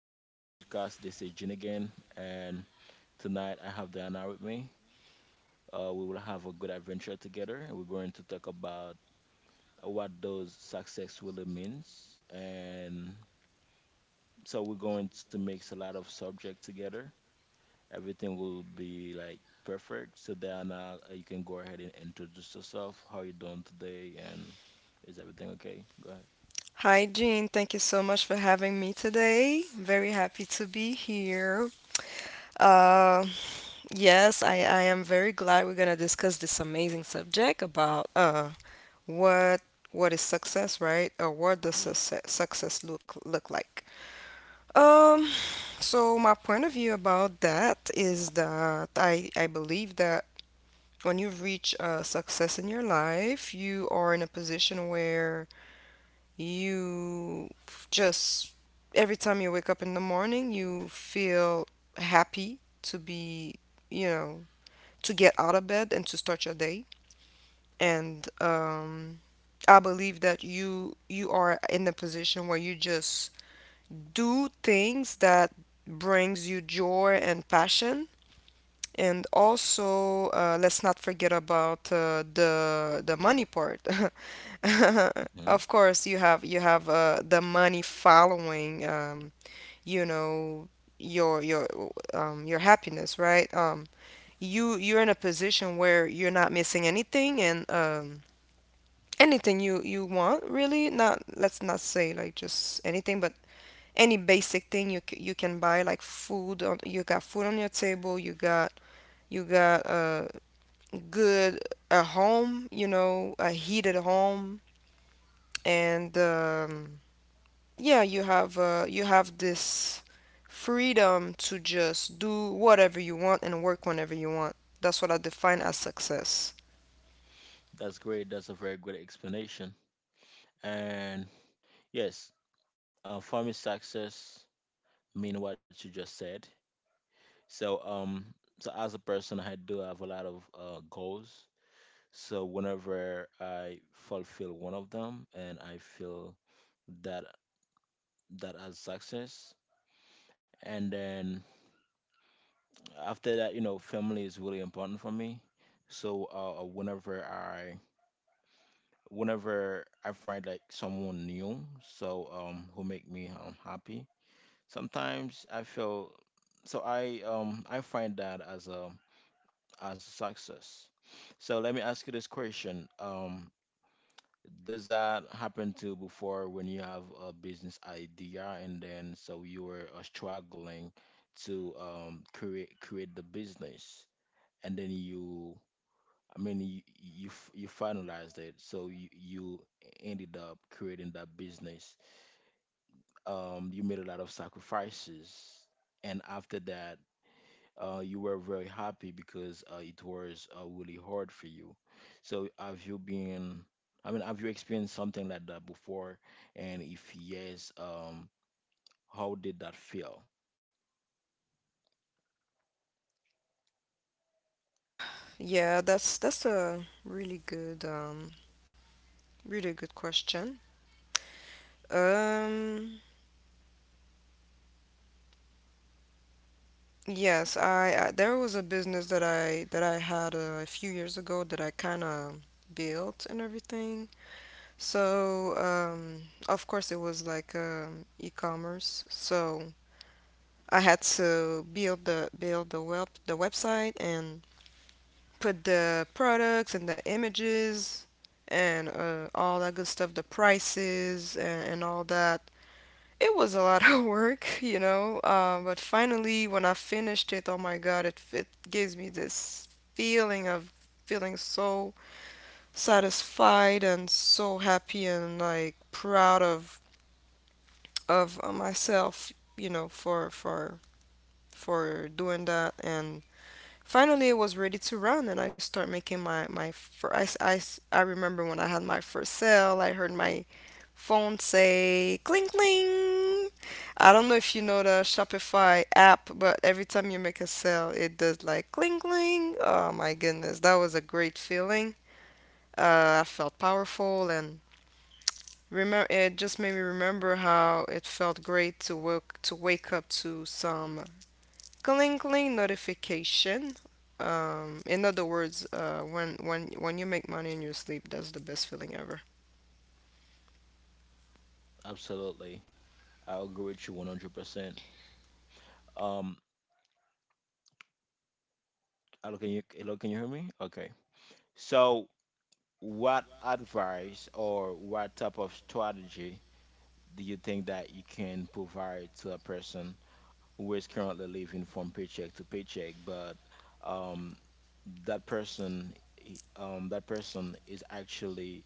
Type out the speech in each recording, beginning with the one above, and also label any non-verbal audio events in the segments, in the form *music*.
Welcome to my podcast. This is Jin again, and tonight I have Diana with me. We will have a good adventure together. We're going to talk about what those success really means. And so we're going to mix a lot of subject together. Everything will be like perfect. So Diana, you can go ahead and introduce yourself. How you doing today? And is everything okay? Go ahead. Hi, Jean. Thank you so much for having me today. Very happy to be here. Uh, yes, I am very glad we're gonna discuss this amazing subject about what what is success, right? Or what does Yes. success look like? Um, so my point of view about that is that I believe that when you've reached success in your life, you are in a position where just every time you wake up in the morning, you feel happy to be, you know, to get out of bed and to start your day. And I believe that you are in a position where you just do things that brings you joy and passion. And also, let's not forget about the money part. *laughs* *laughs* hmm Of course, you have the money following you know your your happiness, right? You're in a position where you're not missing anything, and anything you want, really, not, let's not say like just anything, but any basic thing you can buy, like, food on — you got food on your table, you got, you got a good, a home, you know, a heated home. And yeah, you have this freedom to just do whatever you want and work whenever you want. That's what I define as success. That's great. That's a very good explanation. And Yes, for me, success mean what you just said. So, um, so as a person, I do have a lot of goals. So whenever I fulfill one of them, and I feel that that as success, and then after that, you know, family is really important for me. So whenever I find like someone new, so who make me happy. Sometimes I feel I find that as a success. So let me ask you this question. Does that happen to you before when you have a business idea and then you were struggling to create the business and then you finalized it so you ended up creating that business. You made a lot of sacrifices, and after that you were very happy because it was really hard for you. So have you been, I mean, have you experienced something like that before? And if yes, how did that feel? Yeah, that's a really good, really good question. um yes, I, there was a business that I had a few years ago that I kind of built and everything. So, of course it was like e-commerce. So I had to build the website and put the products and the images, and all that good stuff, the prices, and all that. It was a lot *laughs* of work, you know, but finally when I finished it, oh my God, it gives me this feeling of feeling so satisfied and so happy and like proud of myself, you know, for doing that. And finally, it was ready to run, and I start making my first. I remember when I had my first sale. I heard my phone say "cling cling." I don't know if you know the Shopify app, but every time you make a sale, it does like "cling cling." Oh my goodness, that was a great feeling. I felt powerful, and remember, it just made me remember how it felt great to wake up to some clingling notification. In other words, when you make money in your sleep, that's the best feeling ever. Absolutely. I agree with you 100%. Um, Hello, hello, can you hear me? Okay. So what advice or what type of strategy do you think that you can provide to a person who is currently living from paycheck to paycheck, but um, that person that person is actually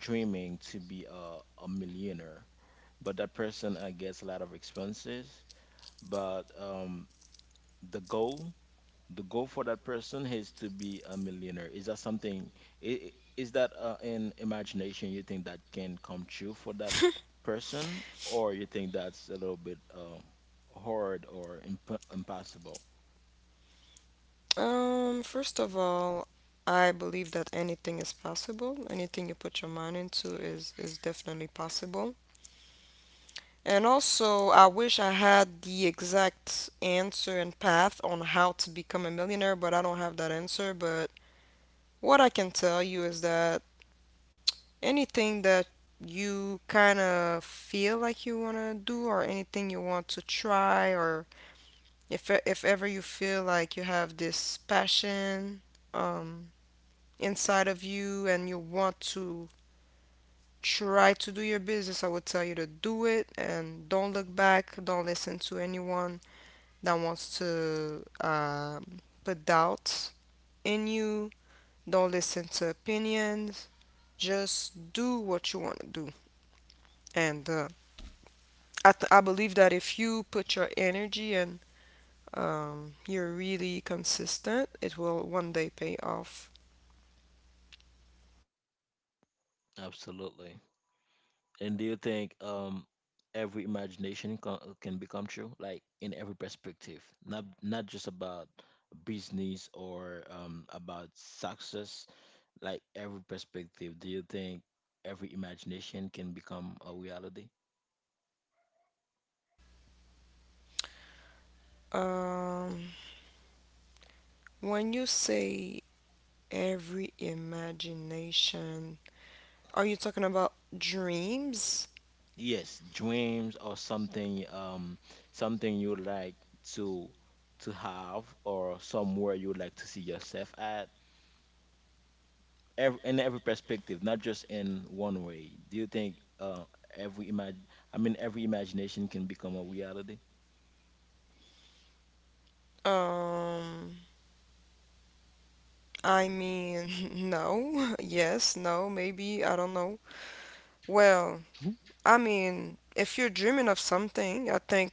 dreaming to be a millionaire, but that person gets a lot of expenses, but the goal, the goal for that person is to be a millionaire. Is that something is that in imagination you think that can come true for that person, or you think that's a little bit hard or impossible? First of all, I believe that anything is possible. Anything you put your mind into is definitely possible. And also, I wish I had the exact answer and path on how to become a millionaire, but I don't have that answer. But what I can tell you is that anything that you kind of feel like you want to do, or anything you want to try, or if ever you feel like you have this passion um inside of you and you want to try to do your business, I would tell you to do it and don't look back. Don't listen to anyone that wants to put doubts in you. Don't listen to opinions. Just do what you want to do. And I believe that if you put your energy and you're really consistent, it will one day pay off. Absolutely And do you think every imagination can become true, like in every perspective, not just about business or about success, like every perspective. Do you think every imagination can become a reality? Um, when you say every imagination, are you talking about dreams? Yes, dreams or something something you like to to have, or somewhere you like to see yourself at every, in every perspective, not just in one way. Do you think every imag- every imagination can become a reality? Um, I mean, *laughs* no, *laughs* yes, no, maybe, I don't know. Well, I mean, if you're dreaming of something, I think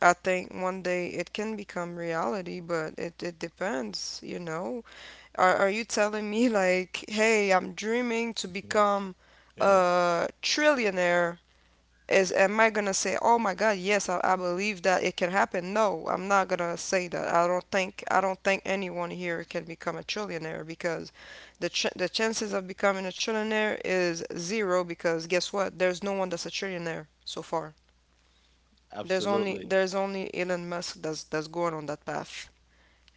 I think one day it can become reality, but it depends, you know. Are you telling me, like, hey, I'm dreaming to become Yeah. a trillionaire? Is am I gonna say, oh my God, yes, I believe that it can happen? No, I'm not gonna say that. I don't think anyone here can become a trillionaire, because the chances of becoming a trillionaire is zero, because guess what? There's no one that's a trillionaire so far. There's only Absolutely. there's only Elon Musk that's going on that path,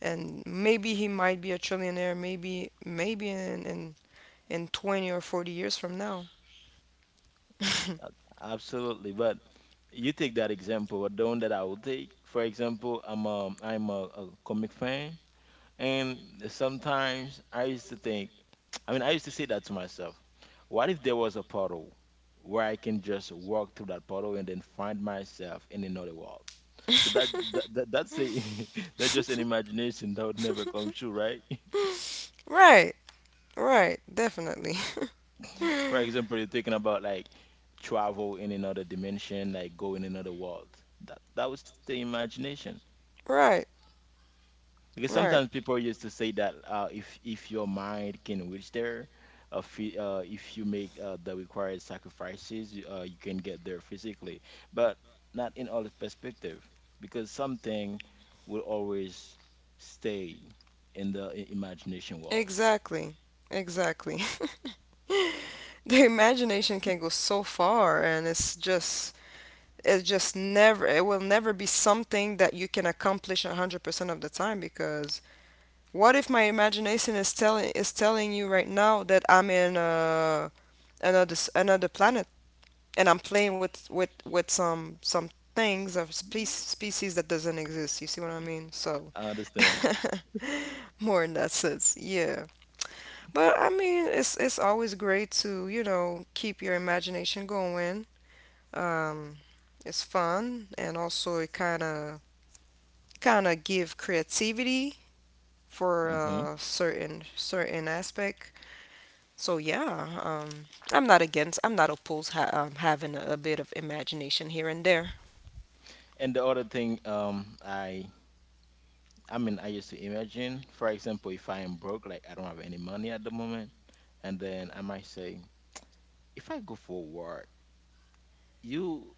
and maybe he might be a trillionaire, maybe, maybe in 20 or 40 years from now. A- *laughs* Absolutely. But you take that example, or the one that I would take. For example, I'm a comic fan. And sometimes I used to think, I mean, I used to say that to myself, what if there was a puddle where I can just walk through that puddle and then find myself in another world? So that's a *laughs* that's just an imagination that would never come true, right? Right, right, definitely. *laughs* *laughs* For example, you're thinking about like travel in another dimension, like go in another world. That would stay imagination. Right, Because sometimes right. people used to say that if your mind can reach there, if you make the required sacrifices, you can get there physically. But not in all perspective, because something will always stay in the imagination wall. Exactly. Exactly. *laughs* The imagination can go so far, and it's just never — it will never be something that you can accomplish 100% of the time, because what if my imagination is telling you right now that I'm in another planet and I'm playing with some things of species that doesn't exist. You see what I mean? So, I understand. *laughs* more in that sense, yeah. But I mean, it's always great to keep your imagination going. Um, it's fun, and also it kind of give creativity for hmm a certain aspect. So yeah, I'm not against. I'm not opposed having a bit of imagination here and there. And the other thing, I used to imagine, for example, if I am broke, like I don't have any money at the moment, and then I might say, if I go for work, you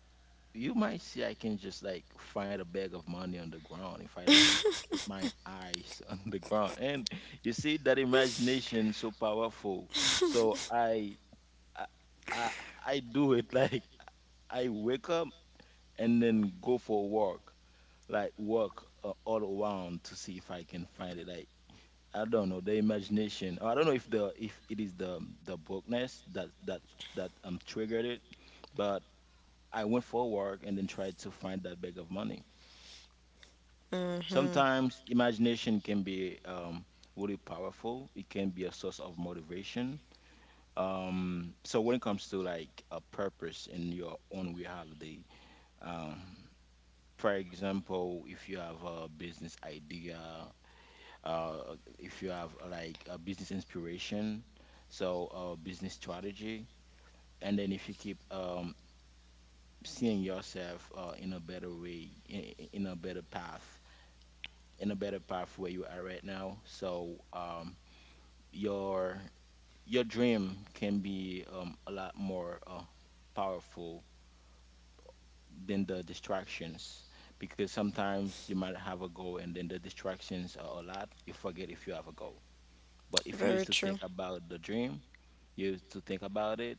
you might see I can just like find a bag of money on the ground if I like keep my eyes *laughs* on the ground. And you see that imagination so powerful. So I I I, I do it *laughs* like I wake up and then go for a walk, like walk all around to see if I can find it. Like I don't know the imagination. I don't know if the if it is the bookness that triggered it, but I went for work and then tried to find that bag of money. Hmm. Sometimes imagination can be really powerful. It can be a source of motivation. So when it comes to like a purpose in your own reality, um, for example, if you have a business idea, uh, if you have like a business inspiration, so a business strategy, and then if you keep seeing yourself in a better way in a better path where you are right now. So your your dream can be a lot more powerful than the distractions, because sometimes you might have a goal and then the distractions are a lot. You forget if you have a goal. But if you Very used to think true. about the dream, you used to think about it,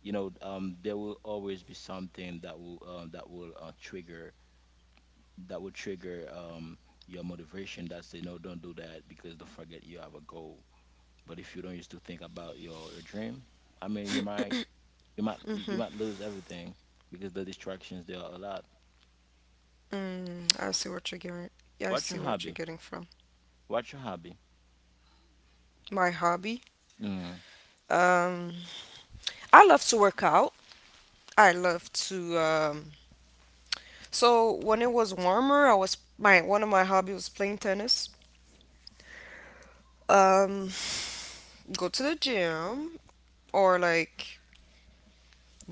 you know, there will always be something that will trigger your motivation that say no, don't do that, because don't forget you have a goal. But if you don't used to think about your dream, I mean, you might you might lose everything because the distractions there are a lot. Mm, I see what you're getting. Yeah, I What's see your what you're hobby? getting from. What's your hobby? My hobby. Mm, Um, I love to work out. I love to. So when it was warmer, I was my one of my hobbies was playing tennis. Um, go to the gym, or like,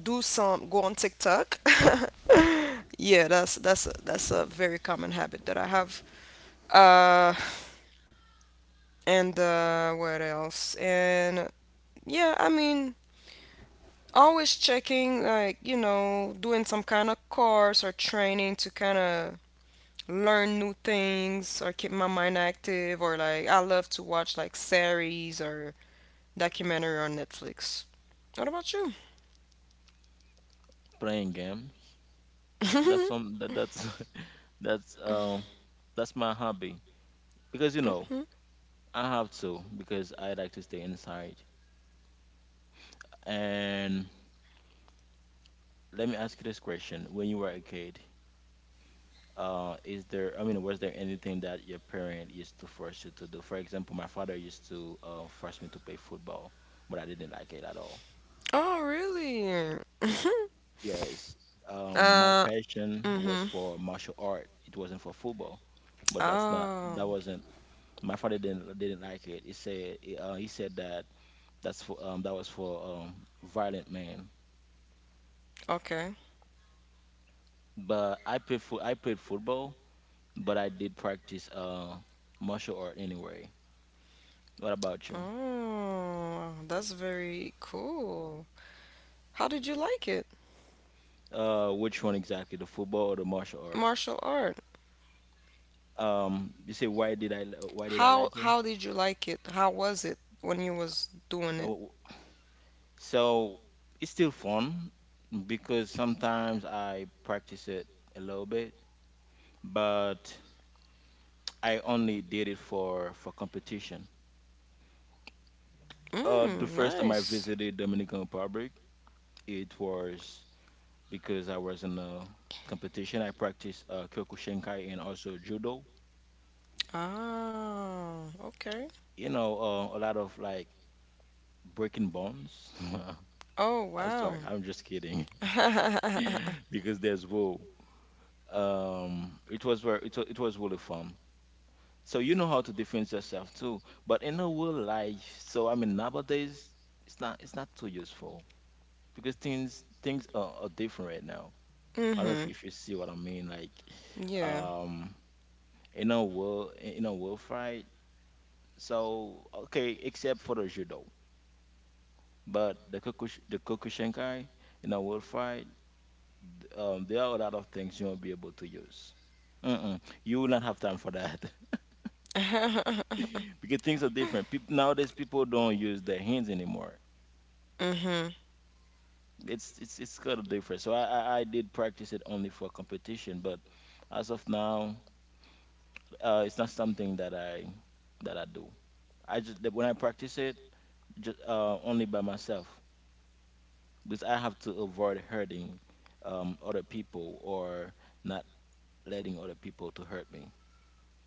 do some go on TikTok. *laughs* Yeah, that's a very common habit that I have. Uh, and what else? And yeah, I mean, always checking, like, you know, doing some kind of course or training to kind of learn new things or keep my mind active, or like, I love to watch like series or documentary on Netflix. What about you? playing games. *laughs* That's *laughs* that's um that's my hobby, because you know Hmm. I have to, because I like to stay inside. And let me ask you this question: when you were a kid, is there I mean was there anything that your parent used to force you to do? For example, my father used to force me to play football, but I didn't like it at all. Oh, really? *laughs* Yes. My uh passion was mm-hmm. for martial art, it wasn't for football. But that's not Oh, That wasn't, my father didn't, like it. He said he said that that's for that was for violent men. okay. But I played football, but I did practice martial art anyway. What about you? Oh, that's very cool. How did you like it? Which one exactly, the football or the martial art? Martial art. You say why did why did I How like it? how did you like it? How was it when you was doing it? Oh, so it's still fun because sometimes I practice it a little bit, but I only did it for competition. The Mm, first time I nice. visited Dominican Republic, it was because I was in a competition. I practiced Kyokushinkai and also judo. Ah, okay. You know, a lot of like breaking bones. Oh, *laughs* I'm wow. sorry, I'm just kidding. *laughs* *laughs* Because there's wool. It was very, it was really fun. So you know how to defend yourself too. But in a real life, so I mean nowadays, it's not too useful because things are different right now. I don't know Mm-hmm. if you see what I mean. Like, Yeah. um, in a world fight. So okay, except for the judo, but the Kokushinkai in a world fight, there are a lot of things you won't be able to use. Mm-mm. You will not have time for that *laughs* *laughs* because things are different. People nowadays, people don't use their hands anymore. Mm-hmm. It's kind of different. So I did practice it only for competition, but as of now, it's not something that I do. I just that when I practice it, just only by myself, because I have to avoid hurting other people, or not letting other people to hurt me.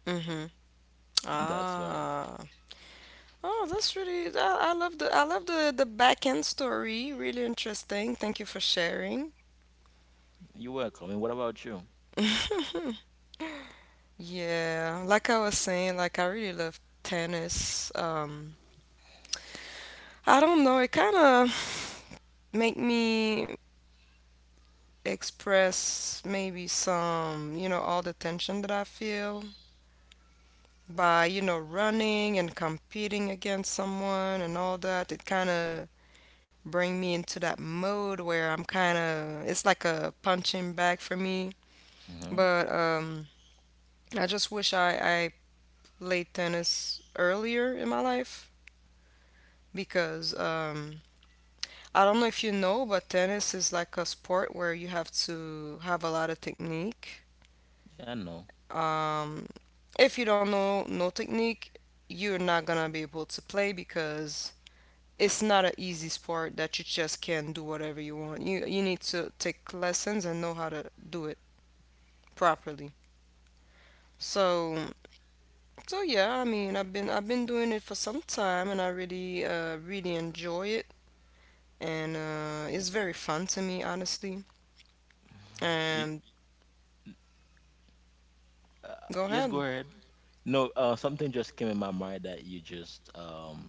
Mm-hmm. That's why. Ah. Oh, that's really, I love the, I love the back end story. Really interesting. Thank you for sharing. You're welcome. And what about you? *laughs* Yeah, like I was saying, like, I really love tennis. I don't know. It kind of make me express maybe some, you know, all the tension that I feel by, you know, running and competing against someone and all that. It kind of bring me into that mode where I'm kind of, it's like a punching bag for me. hmm But I just wish I played tennis earlier in my life, because I don't know if you know, but tennis is like a sport where you have to have a lot of technique. I know. Um, if you don't know no technique, you're not gonna be able to play, because it's not an easy sport that you just can do whatever you want. You need to take lessons and know how to do it properly. So so yeah, I mean, I've been doing it for some time, and I really really enjoy it, and it's very fun to me, honestly. You, And uh, go yes, go ahead. ahead. No, something just came in my mind that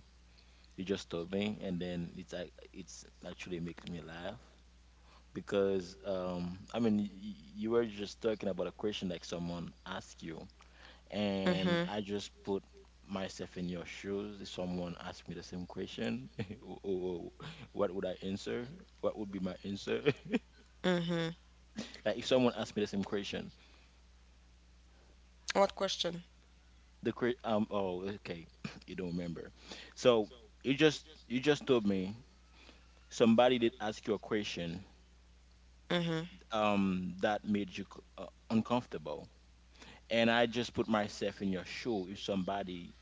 you just told me, and then it's like it's actually makes me laugh because I mean you were just talking about a question like someone asked you, and I just put myself in your shoes. If someone asked me the same question, *laughs* oh, oh, oh, what would I answer? What would be my answer? *laughs* Mm-hmm. Like if someone asked me the same question, What question? Oh, okay. *clears throat* You don't remember, so you just told me somebody did ask you a question Mm-hmm. That made you uncomfortable, and I just put myself in your shoe. If somebody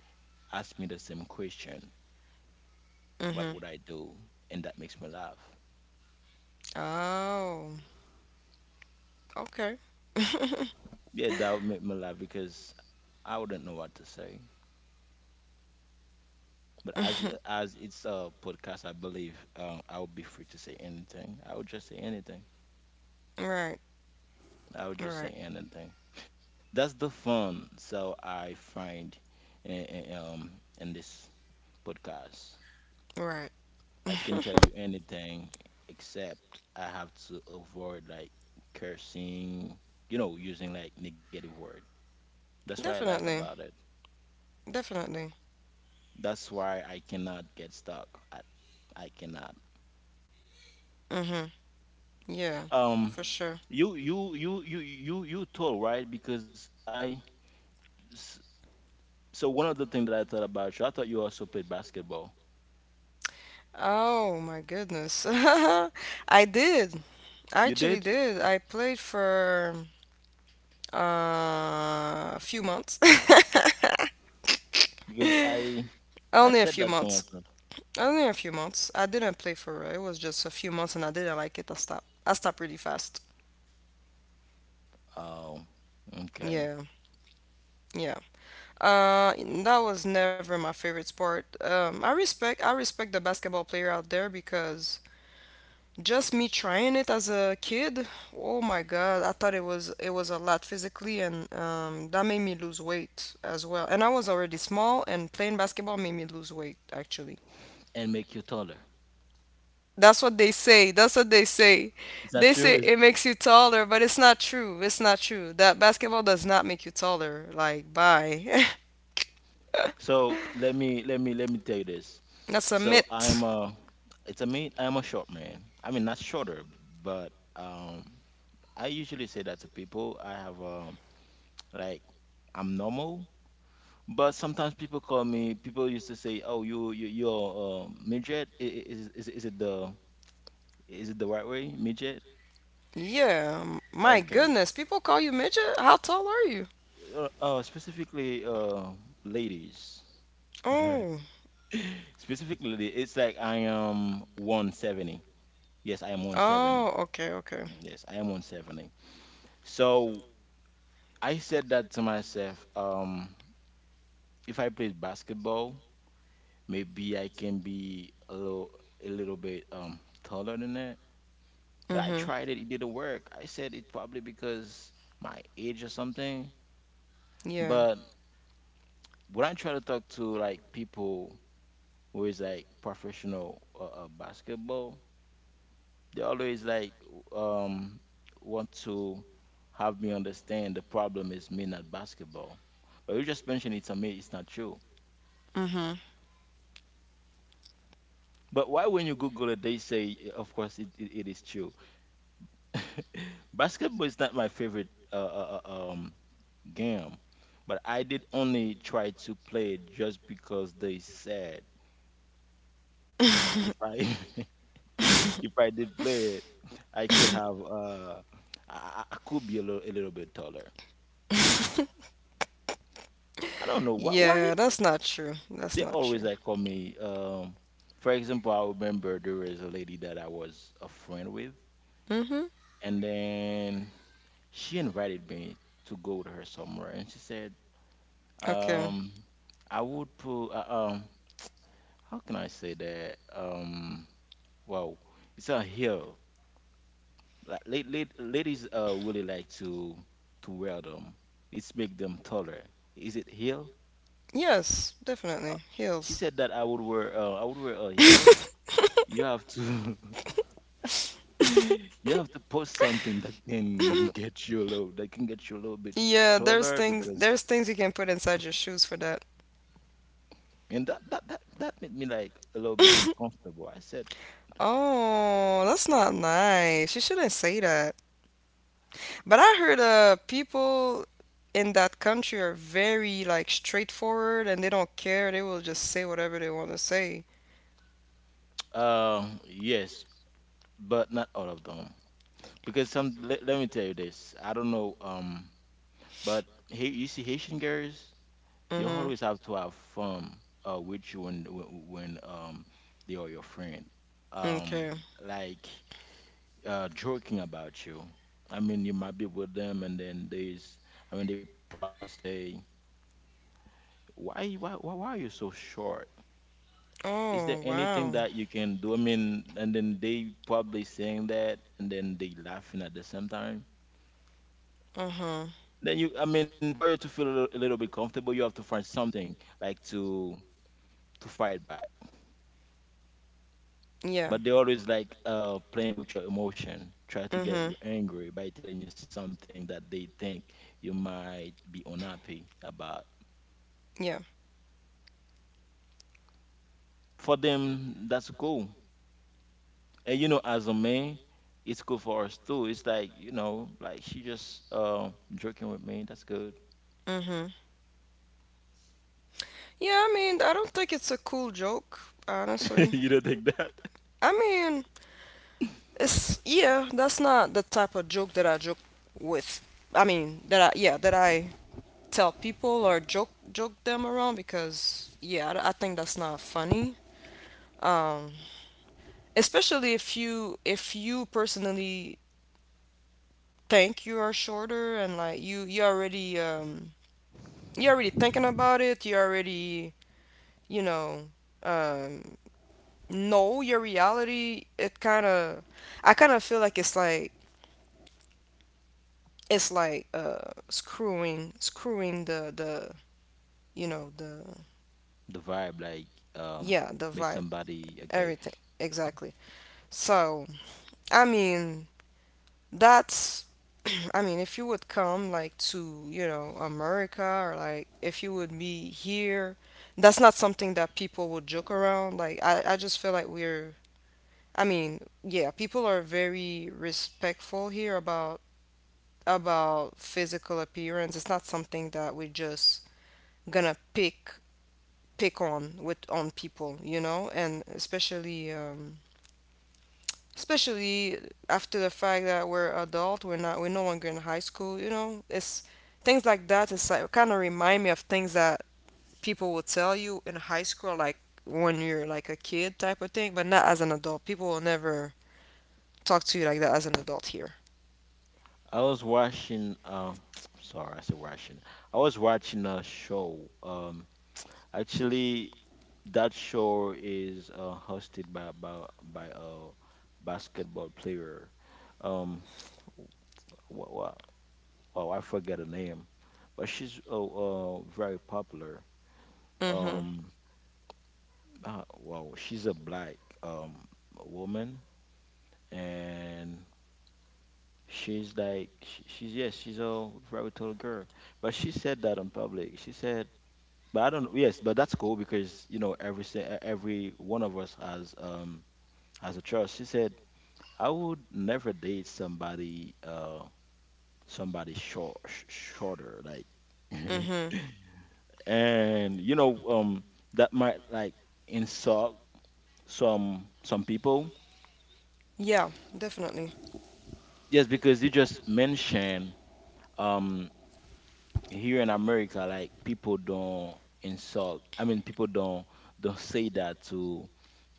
asked me the same question, what Mm-hmm. would I do? And that makes me laugh. Oh, okay. *laughs* Yeah, that would make me laugh because I wouldn't know what to say. But as it's a podcast, I believe, I would be free to say anything. I would just say anything. Right, I would right, just say anything. So that's the fun. So I find in, in- um in this podcast, right. I can *laughs* tell you anything except I have to avoid like cursing, you know, using like negative word. That's what I like Definitely, about it. definitely. That's why I cannot get stuck. I I cannot. Mm-hmm. Yeah, Um, for sure. you told right because I. s- So one of the things that I thought about you, I thought you also played basketball. Oh my goodness. *laughs* I did. I You actually did? did. I played for uh, a few months. Because I *laughs* I Only a said few that to months. myself. Only a few months. I didn't play for real. It was just a few months, and I didn't like it. I stopped. I stopped really fast. Oh, okay. Yeah, yeah. Uh, that was never my favorite sport. I respect. I respect the basketball player out there, because just me trying it as a kid. Oh my God! I thought it was a lot physically, and that made me lose weight as well. And I was already small, and playing basketball made me lose weight actually. And make you taller. That's what they say. That's what they say. Is They that true? say it makes you taller, but it's not true. It's not true. That basketball does not make you taller. Like, bye. *laughs* So let me tell you this. That's a So I'm myth. a, it's a me, I'm a short man. I mean not shorter, but I usually say that to people. I have like I'm normal, but sometimes people call me. People used to say, "Oh, you're midget." Is it the, is it the right way midget? Yeah, my Okay. goodness. People call you midget? How tall are you? Specifically, ladies. *laughs* Oh, Specifically it's like I am 170. Yes, I am 170. oh, okay, okay. Yes, I am 170. So I said that to myself. If I played basketball, maybe I can be a little, a little bit taller than that. But I Mm-hmm. tried it, it didn't work. I said it probably because my age or something. Yeah. But when I try to talk to like people who is like professional basketball, they always like, um want to have me understand the problem is me, not basketball. But you just mentioned it to me, it's not true. Mm-hmm. But why when you Google it, they say, eh, of course, it is true. *laughs* Basketball is not my favorite game, but I did only try to play it just because they said, right? *laughs* *laughs* If I did play it, I could have I could be a little, a little bit taller. I don't know why Yeah, that's not true. That's they not always true. like call me. For example, I remember there was a lady that I was a friend with, Mm-hmm. and then she invited me to go with her somewhere, and she said, Okay. um I would put um how can I say that? Well, it's a hill. Like, ladies really like to wear them. It's make them taller. Is it heel? Yes, Uh, definitely. she Heels. said that I would wear a heel. You have to, *laughs* you have to post something that can *laughs* *laughs* get you a little, that can get you a little bit Yeah, there's taller things because, there's things you can put inside your shoes for that. and that made me like a little bit *laughs* uncomfortable. I said, Oh, that's not nice. You shouldn't say that. But I heard people in that country are very like straightforward, and they don't care. They will just say whatever they want to say. *tsk* Yes, but not all of them because some let, let me tell you this. I don't know, but hey, you see Haitian girls, they Mhm. always have to have fun with you when they are your friend. Um, Okay. like, joking about you. I mean, you might be with them, and then there's, I mean, they probably say, why are you so short? Is there Oh, anything wow. that you can do?" I mean, and then they probably saying that, and then they laughing at the same time. Uh-huh. Then you, I mean, for you to feel a little bit comfortable, you have to find something like to fight back. Yeah. But they always like, playing with your emotion, try to get Mhm. you angry by telling you something that they think you might be unhappy about. Yeah. For them, that's cool. And you know, as a man, it's cool for us too. It's like, you know, like she just, joking with me. That's good. Mhm. Yeah, I mean, I don't think it's a cool joke, *laughs* honestly. You don't think that? I mean, that's not the type of joke that I joke with. I mean, that I tell people or joke them around because yeah, I think that's not funny. Um, especially if you personally think you are shorter, and like you already you're already thinking about it. You already you know um know your reality. It kind of I kind of feel like it's like it's like screwing screwing the you know the The vibe, like, um, yeah, the make vibe, somebody okay. everything, exactly. so I mean that's *clears throat* I mean, if you would come like to, you know, America, or like if you would be here, that's not something that people would joke around. I just feel like we're yeah, people are very respectful here about physical appearance. It's not something that we just gonna pick on with on people, you know. And especially after the fact that we're adult. We're no longer in high school, you know. It's things like that. It's like kind of remind me of things that people will tell you in high school, like when you're like a kid type of thing, but not as an adult. People will never talk to you like that as an adult here. I was watching, *tsk* sorry, I said watching. I was watching a show. Actually, that show is hosted by by a basketball player. Um, wow, wow, I forget her name, but she's very popular. Mhm. Um, wow, she's a black um woman, and she's like, she's, yes, she's a very tall girl, but she said that in public. She said. But I don't. Yes, but that's cool because you know every one of us has, as a child. She said, "I would never date somebody, somebody short, shorter, like." Mhm. *laughs* And you know, that might like insult some people. Yeah, definitely. Yes, because you just mentioned, um, here in America, like people don't insult. I mean, people don't say that to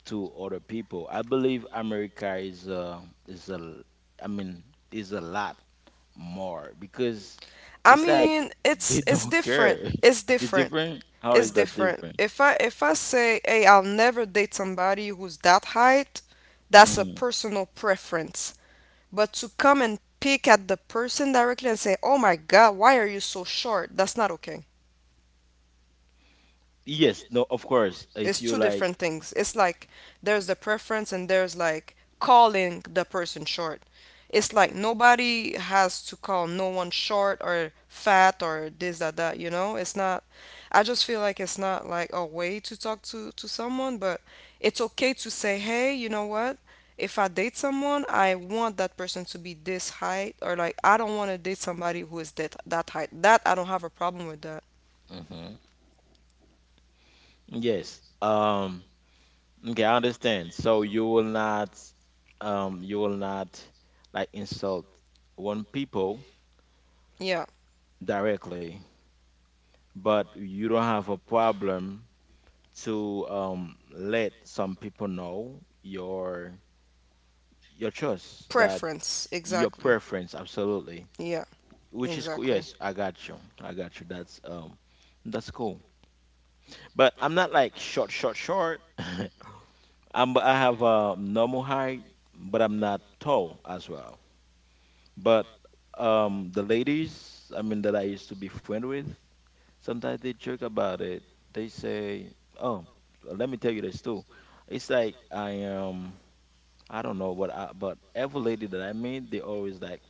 to other people. I believe America is a, I mean, is a lot. More because I it's like mean, it's they it's don't different. care. It's *laughs* It's different different. How It's is that different. different? If I say, "Hey, I'll never date somebody who's that height," that's a Hmm. personal preference. But to come and pick at the person directly and say, "Oh my God, why are you so short?" That's not okay. Yes, no, of course. It's If you two like, different things. It's like there's the preference, and there's like calling the person short. It's like nobody has to call no one short or fat or this that that, you know? It's not I just feel like it's not like a way to talk to someone. But it's okay to say, "Hey, you know what? If I date someone, I want that person to be this height, or like I don't want to date somebody who is that height." That I don't have a problem with that. hmm, yes. Okay, I understand. So you will not like insult one people Yeah. directly, but you don't have a problem to let some people know your choice, that Preference, your exactly. preference. Absolutely. Yeah. Which is cool. Exactly. Yes, I got you. I got you. That's cool. But I'm not like short. *laughs* I'm, I have a normal height, but I'm not tall as well. But the ladies, I mean that I used to be friend with, sometimes they joke about it. They say, "Oh, let me tell you this too." It's like I am. I don't know what I, but every lady that I meet, they always like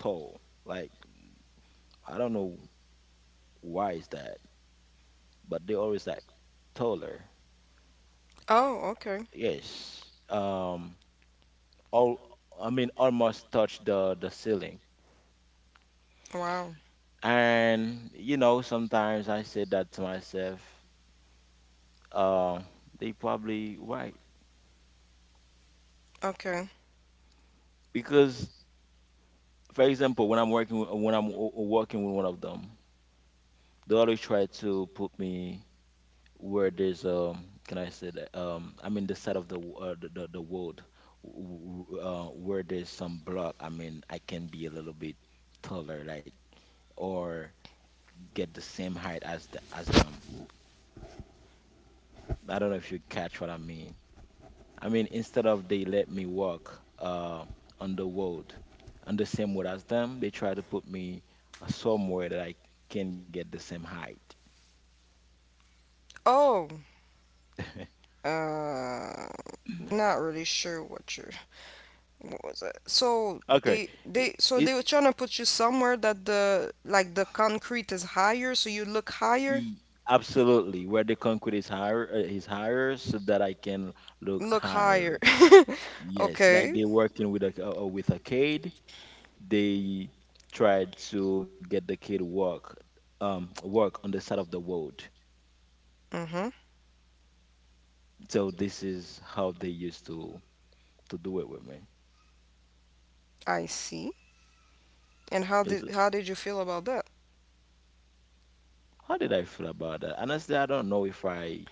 tall. Like, I don't know why is that. But they always like taller. Oh, okay. Yes. All, I mean almost touch the ceiling. Wow. And you know, sometimes I say that to myself, um, they probably right. Okay. Because for example, when I'm working with, when I'm working with one of them, they always try to put me where there's, can I say that, I mean the side of the the world, w- where there's some block. I mean I can be a little bit taller like, or get the same height as the, as them. I don't know if you catch what I mean. I mean, instead of they let me walk on the road, on the same road as them, they try to put me somewhere that I can get the same height. Oh, *laughs* uh, not really sure what you're. What was it? So Okay. It, they it, were trying to put you somewhere that, the like, the concrete is higher, so you look higher. e- absolutely where the concrete is higher, so that I can look Look higher. higher. *laughs* Yes, like Okay. they working with a with a, they tried to get the kid work, work on the side of the road. Mhm. So this is how they used to do it with me. I see. And how did Is how did you feel about that? how did I feel about that? Honestly, I don't know if I,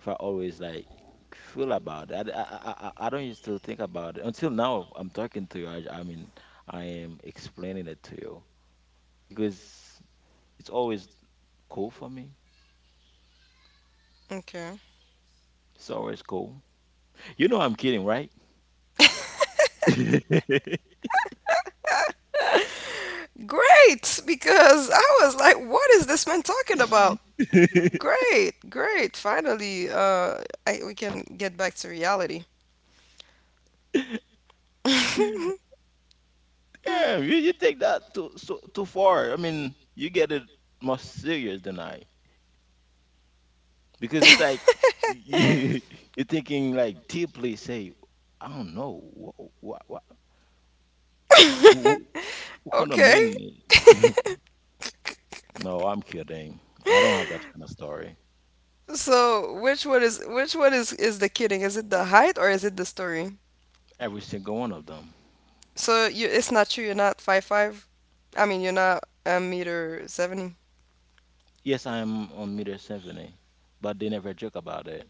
if I always like feel about it. I don't used to think about it until now I'm talking to you. I mean I am explaining it to you because it's always cool for me. Okay. It's always cool. You know I'm kidding, right? *laughs* Great, because I was like, what is this man talking about? Great, great. Finally, we can get back to reality. *laughs* *laughs* Yeah, you take that too, so too far. I mean, you get it more serious than I because it's like you, *laughs* you're thinking like deeply. Say, I don't know what what, what kind of Okay. men. *laughs* No, I'm kidding. I don't have that kind of story. So, which one is the kidding? Is it the height or is it the story? Every single one of them. So you, it's not true. You're not five five. I mean, you're not a meter 70. Yes, I am on meter symphony, but they never joke about it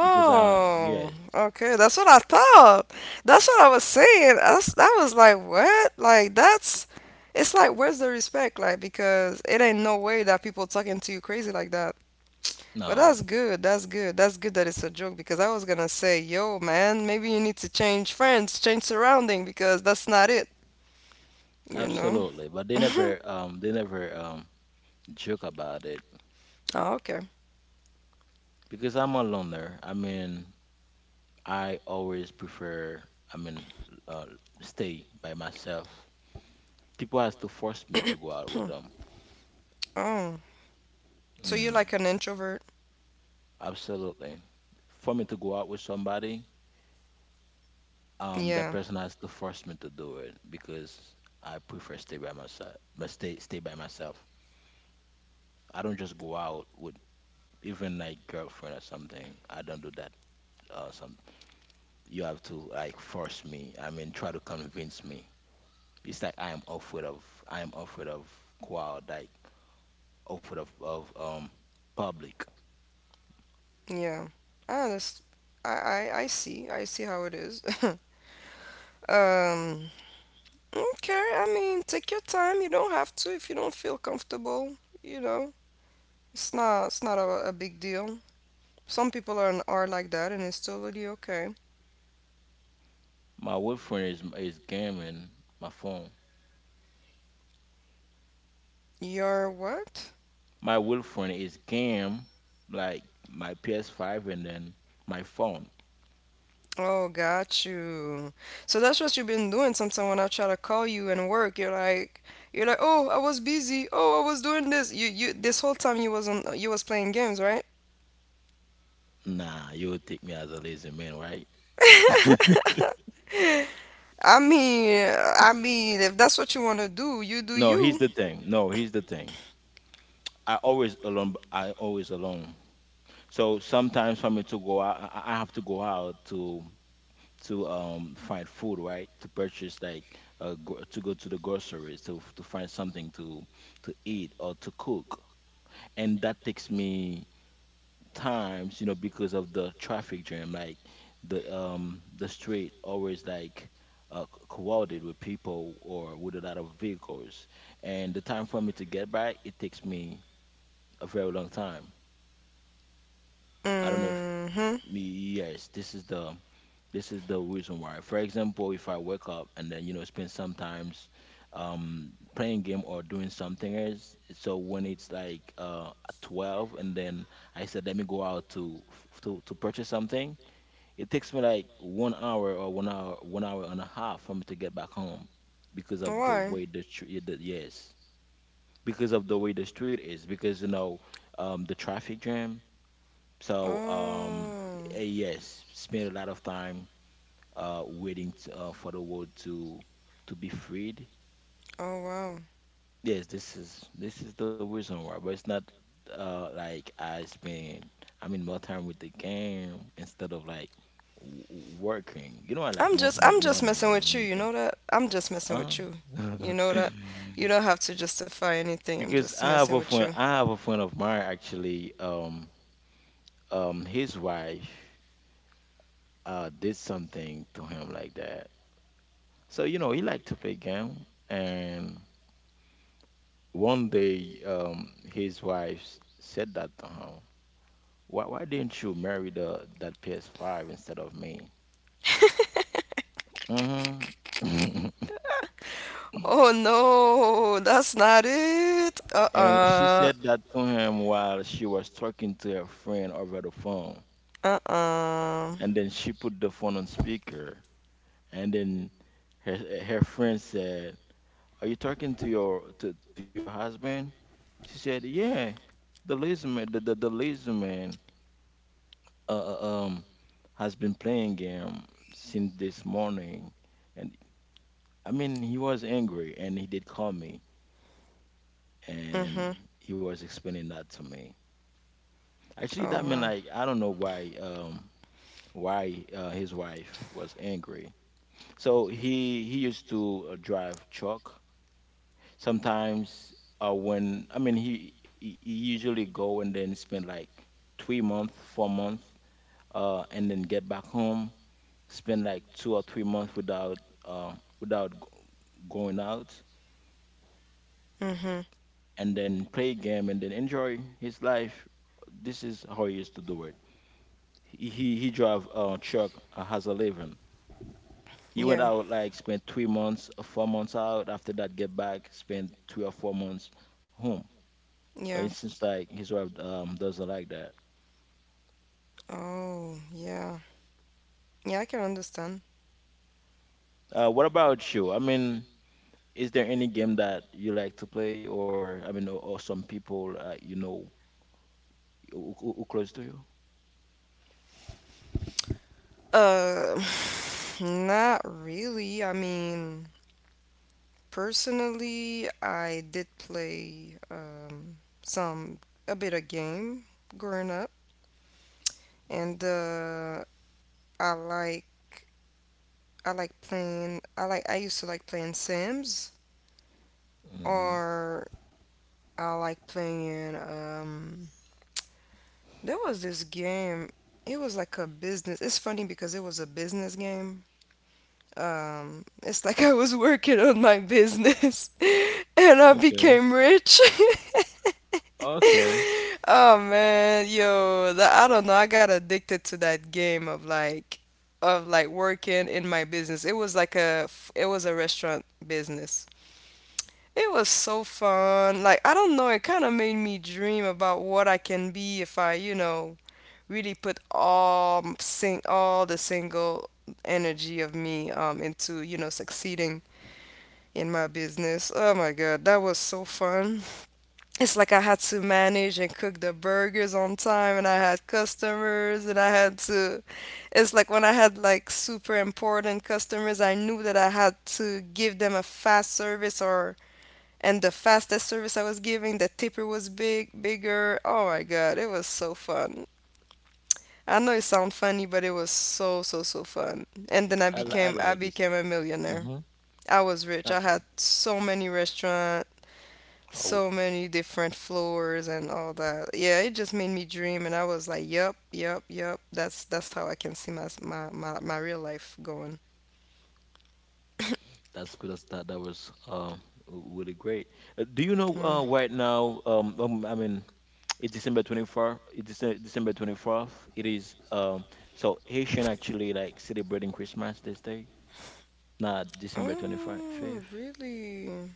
because I, yes, okay. That's what I thought. That's what I was saying. I was like, what? Like, that's. It's like, where's the respect? Like, because it ain't no way that people talking to you crazy like that. But no, that's good. That's good. That's good that it's a joke, because I was gonna say, yo, man, maybe you need to change friends, change surrounding, because that's not it, you know? absolutely, but they *laughs* never, they never, joke about it Oh, okay. *clears throat* because I'm a loner. I mean, I always prefer. I mean, uh, stay by myself. People has to force me to go out with Hmm. them. Oh, so you're Mm, like an introvert? absolutely. For me to go out with somebody, that Yeah, person has to force me to do it because I prefer stay by myself. But stay, by myself. I don't just go out with even like girlfriend or something. I don't do that. Some You have to like force me. I mean, try to convince me. It's like I am afraid of I am afraid of crowd, like afraid of public. yeah. Ah, I see. I see how it is. *laughs* Um, okay, I mean, take your time. You don't have to if you don't feel comfortable, you know. It's not a, a big deal. Some people are like that, and it's totally okay. My girlfriend is gaming my phone. You're what? My girlfriend is game like my PS5 and then my phone. Oh, got you. So that's what you've been doing sometimes when I try to call you and work. You're like, "Oh, I was busy. Oh, I was doing this." You this whole time you was on, you was playing games, right? Nah, you would take me as a lazy man, right? *laughs* I mean, I mean, if that's what you want to do, you do No, here's you. the thing. No, here's the thing. I always alone. I always alone. So sometimes for me to go out, I have to go out to find food, right? To purchase like to go to the groceries to find something to eat or to cook, and that takes me times, you know, because of the traffic jam. Like the, the street always like, crowded with people or with a lot of vehicles, and the time for me to get back, it takes me a very long time. I don't know if Mm-hmm. me, yes, This is the reason why. For example, if I wake up and then spend sometimes playing game or doing something else, so when it's like 12 and then I said let me go out to f- to purchase something, it takes me like 1 hour or one hour and a half for me to get back home because of the Why? way the street the, yes because of the way the street is because the traffic jam. So Oh. Yes, spend a lot of time waiting for the world to be freed. Oh wow. Yes, this is the reason why, but it's not like I mean more time with the game instead of like working. You know, I like more I'm just money messing more with than you, you anything. know that? I'm just messing Uh, with you. *laughs* You know that? You don't have to justify anything. I'm because just I have messing a with friend, you. I have a friend of mine actually. His wife did something to him like that. So, he liked to play game, and one day his wife said that to him, why didn't you marry the that PS5 instead of me? *laughs* Hmm. *laughs* Oh no, that's not it. And she Uh-uh. said that to him while she was talking to her friend over the phone, Uh-uh. and then she put the phone on speaker, and then her, her friend said, are you talking to your husband she said yeah, the lazy man, uh, uh, um has been playing game since this morning, and, I mean, he was angry, and he did call me, and Mm-hmm. he was explaining that to me. Actually, that Oh meant wow. like, I don't know why his wife was angry. So he used to drive truck sometimes. When I mean, he usually go and then spend like 3 month, 4 month, and then get back home, spend like 2 or 3 months without uh, without g- going out, Mm-hmm. and then play game and then enjoy his life. This is how he used to do it. He drive truck, has a living. He went Yeah. out like spent 3 months, 4 months out. After that, get back, spend 3 or 4 months home. Yeah. But it seems like his wife doesn't like that. Oh, yeah. Yeah, I can understand. What about you? I mean, is there any game that you like to play, or or some people, who close to you? Uh, *sighs* not really. I mean, personally, I did play some a bit of game growing up. And I like I like playing. I used to like playing Sims, Hmm. or I like playing. There was this game. It was like a business. It's funny because it was a business game. It's like I was working on my business, *laughs* and I Okay. became rich. *laughs* Okay. Oh man, yo, that, I don't know. I got addicted to that game of like working in my business. It was like a it was a restaurant business. It was so fun. Like I don't know, it kind of made me dream about what I can be if I, you know, really put all m- sing all the single energy of me into, you know, succeeding in my business. Oh my God, that was so fun. It's like I had to manage and cook the burgers on time, and I had customers, and I had to. It's like when I had like super important customers, I knew that I had to give them a fast service, or and the fastest service I was giving, the tipper was big, bigger. Oh my god, it was so fun. I know it sounds funny, but it was so so so fun. And then I like I this. became a Mm-hmm. millionaire. I was rich. I had so many restaurants, Oh, so many different floors and all that. Yeah, it just made me dream, and I was like, "Yup, yup, yup." That's how I can see my my real life going. that's good. That was really great. Do you know, Mm. Right now, I mean, *tsk* it's December 24th. It's December 24th. It is, so Haitian actually like celebrating Christmas this day, not December twenty Oh, fifth. really?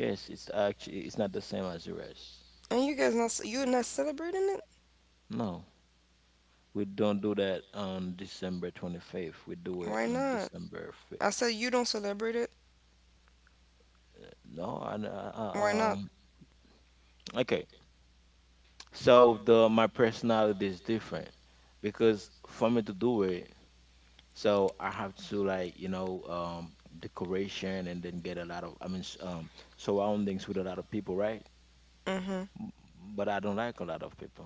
Yes, it's actually, it's not the same as the rest. And you guys not you not celebrating it? No. We don't do that on December 25th. We do it Why on not? December 5th. I said you don't celebrate it. No, Why I- not? um, okay, so the my personality is different because for me to do it, so I have to like, decoration, and then get a lot of, I mean, surroundings with a lot of people, right? Mm-hmm. M- But I don't like a lot of people,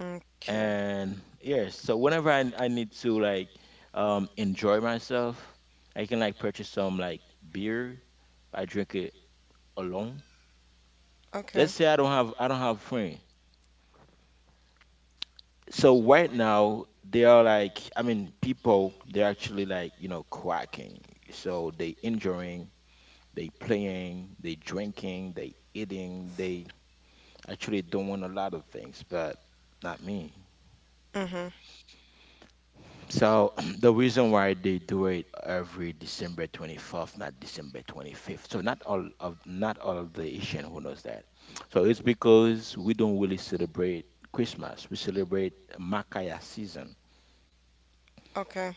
Okay. and, yeah, so whenever I need to like, enjoy myself, I can like purchase some, like, beer. I drink it alone. Okay. Let's say I don't have friend. So right now, they are, like, I mean, people, they're actually, like, quacking, so they enjoying, they playing, they drinking, they eating, they actually doing a lot of things, but not me. Mm-hmm. So *clears throat* the reason why they do it every December 24th, not December 25th, so not all of the Asian who knows that, so it's because we don't really celebrate Christmas, we celebrate Makaya season. Okay.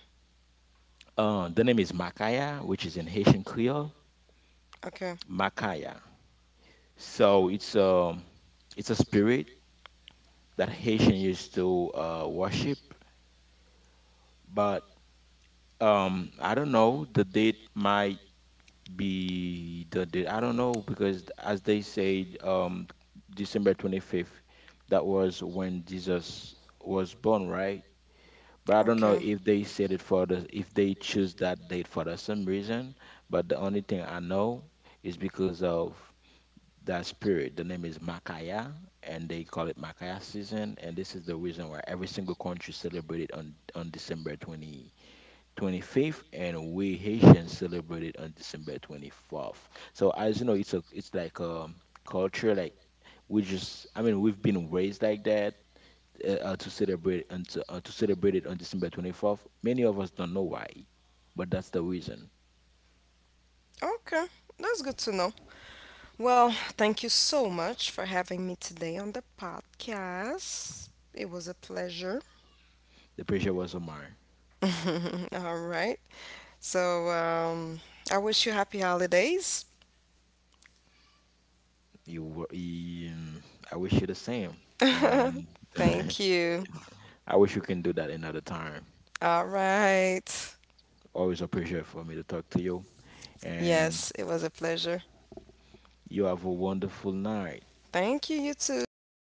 The name is Makaya, which is in Haitian Creole, Okay. Makaya. So it's a spirit that Haitian used to worship, but I don't know. The date might be the date. I don't know because, as they said, December 25th, that was when Jesus was born, right? But I don't know Okay. if they said it for the if they choose that date for the some reason. But the only thing I know is because of that spirit. The name is Makaya, and they call it Makaya season. And this is the reason why every single country celebrated on December twenty twenty fifth, and we Haitians celebrated on December 24th. So, as you know, it's like a culture, like, we just, I mean, we've been raised like that. To celebrate and to celebrate it on December 24th, many of us don't know why, but that's the reason. Okay. That's good to know. Well, thank you so much for having me today on the podcast. It was a pleasure. The pressure was on mine. *laughs* All right. So, I wish you happy holidays. You were, um, I wish you the same, and *laughs* Thank *laughs* you. I wish you can do that another time. All right. Always a pleasure for me to talk to you, and Yes, it was a pleasure. you have a wonderful night. Thank you, you too.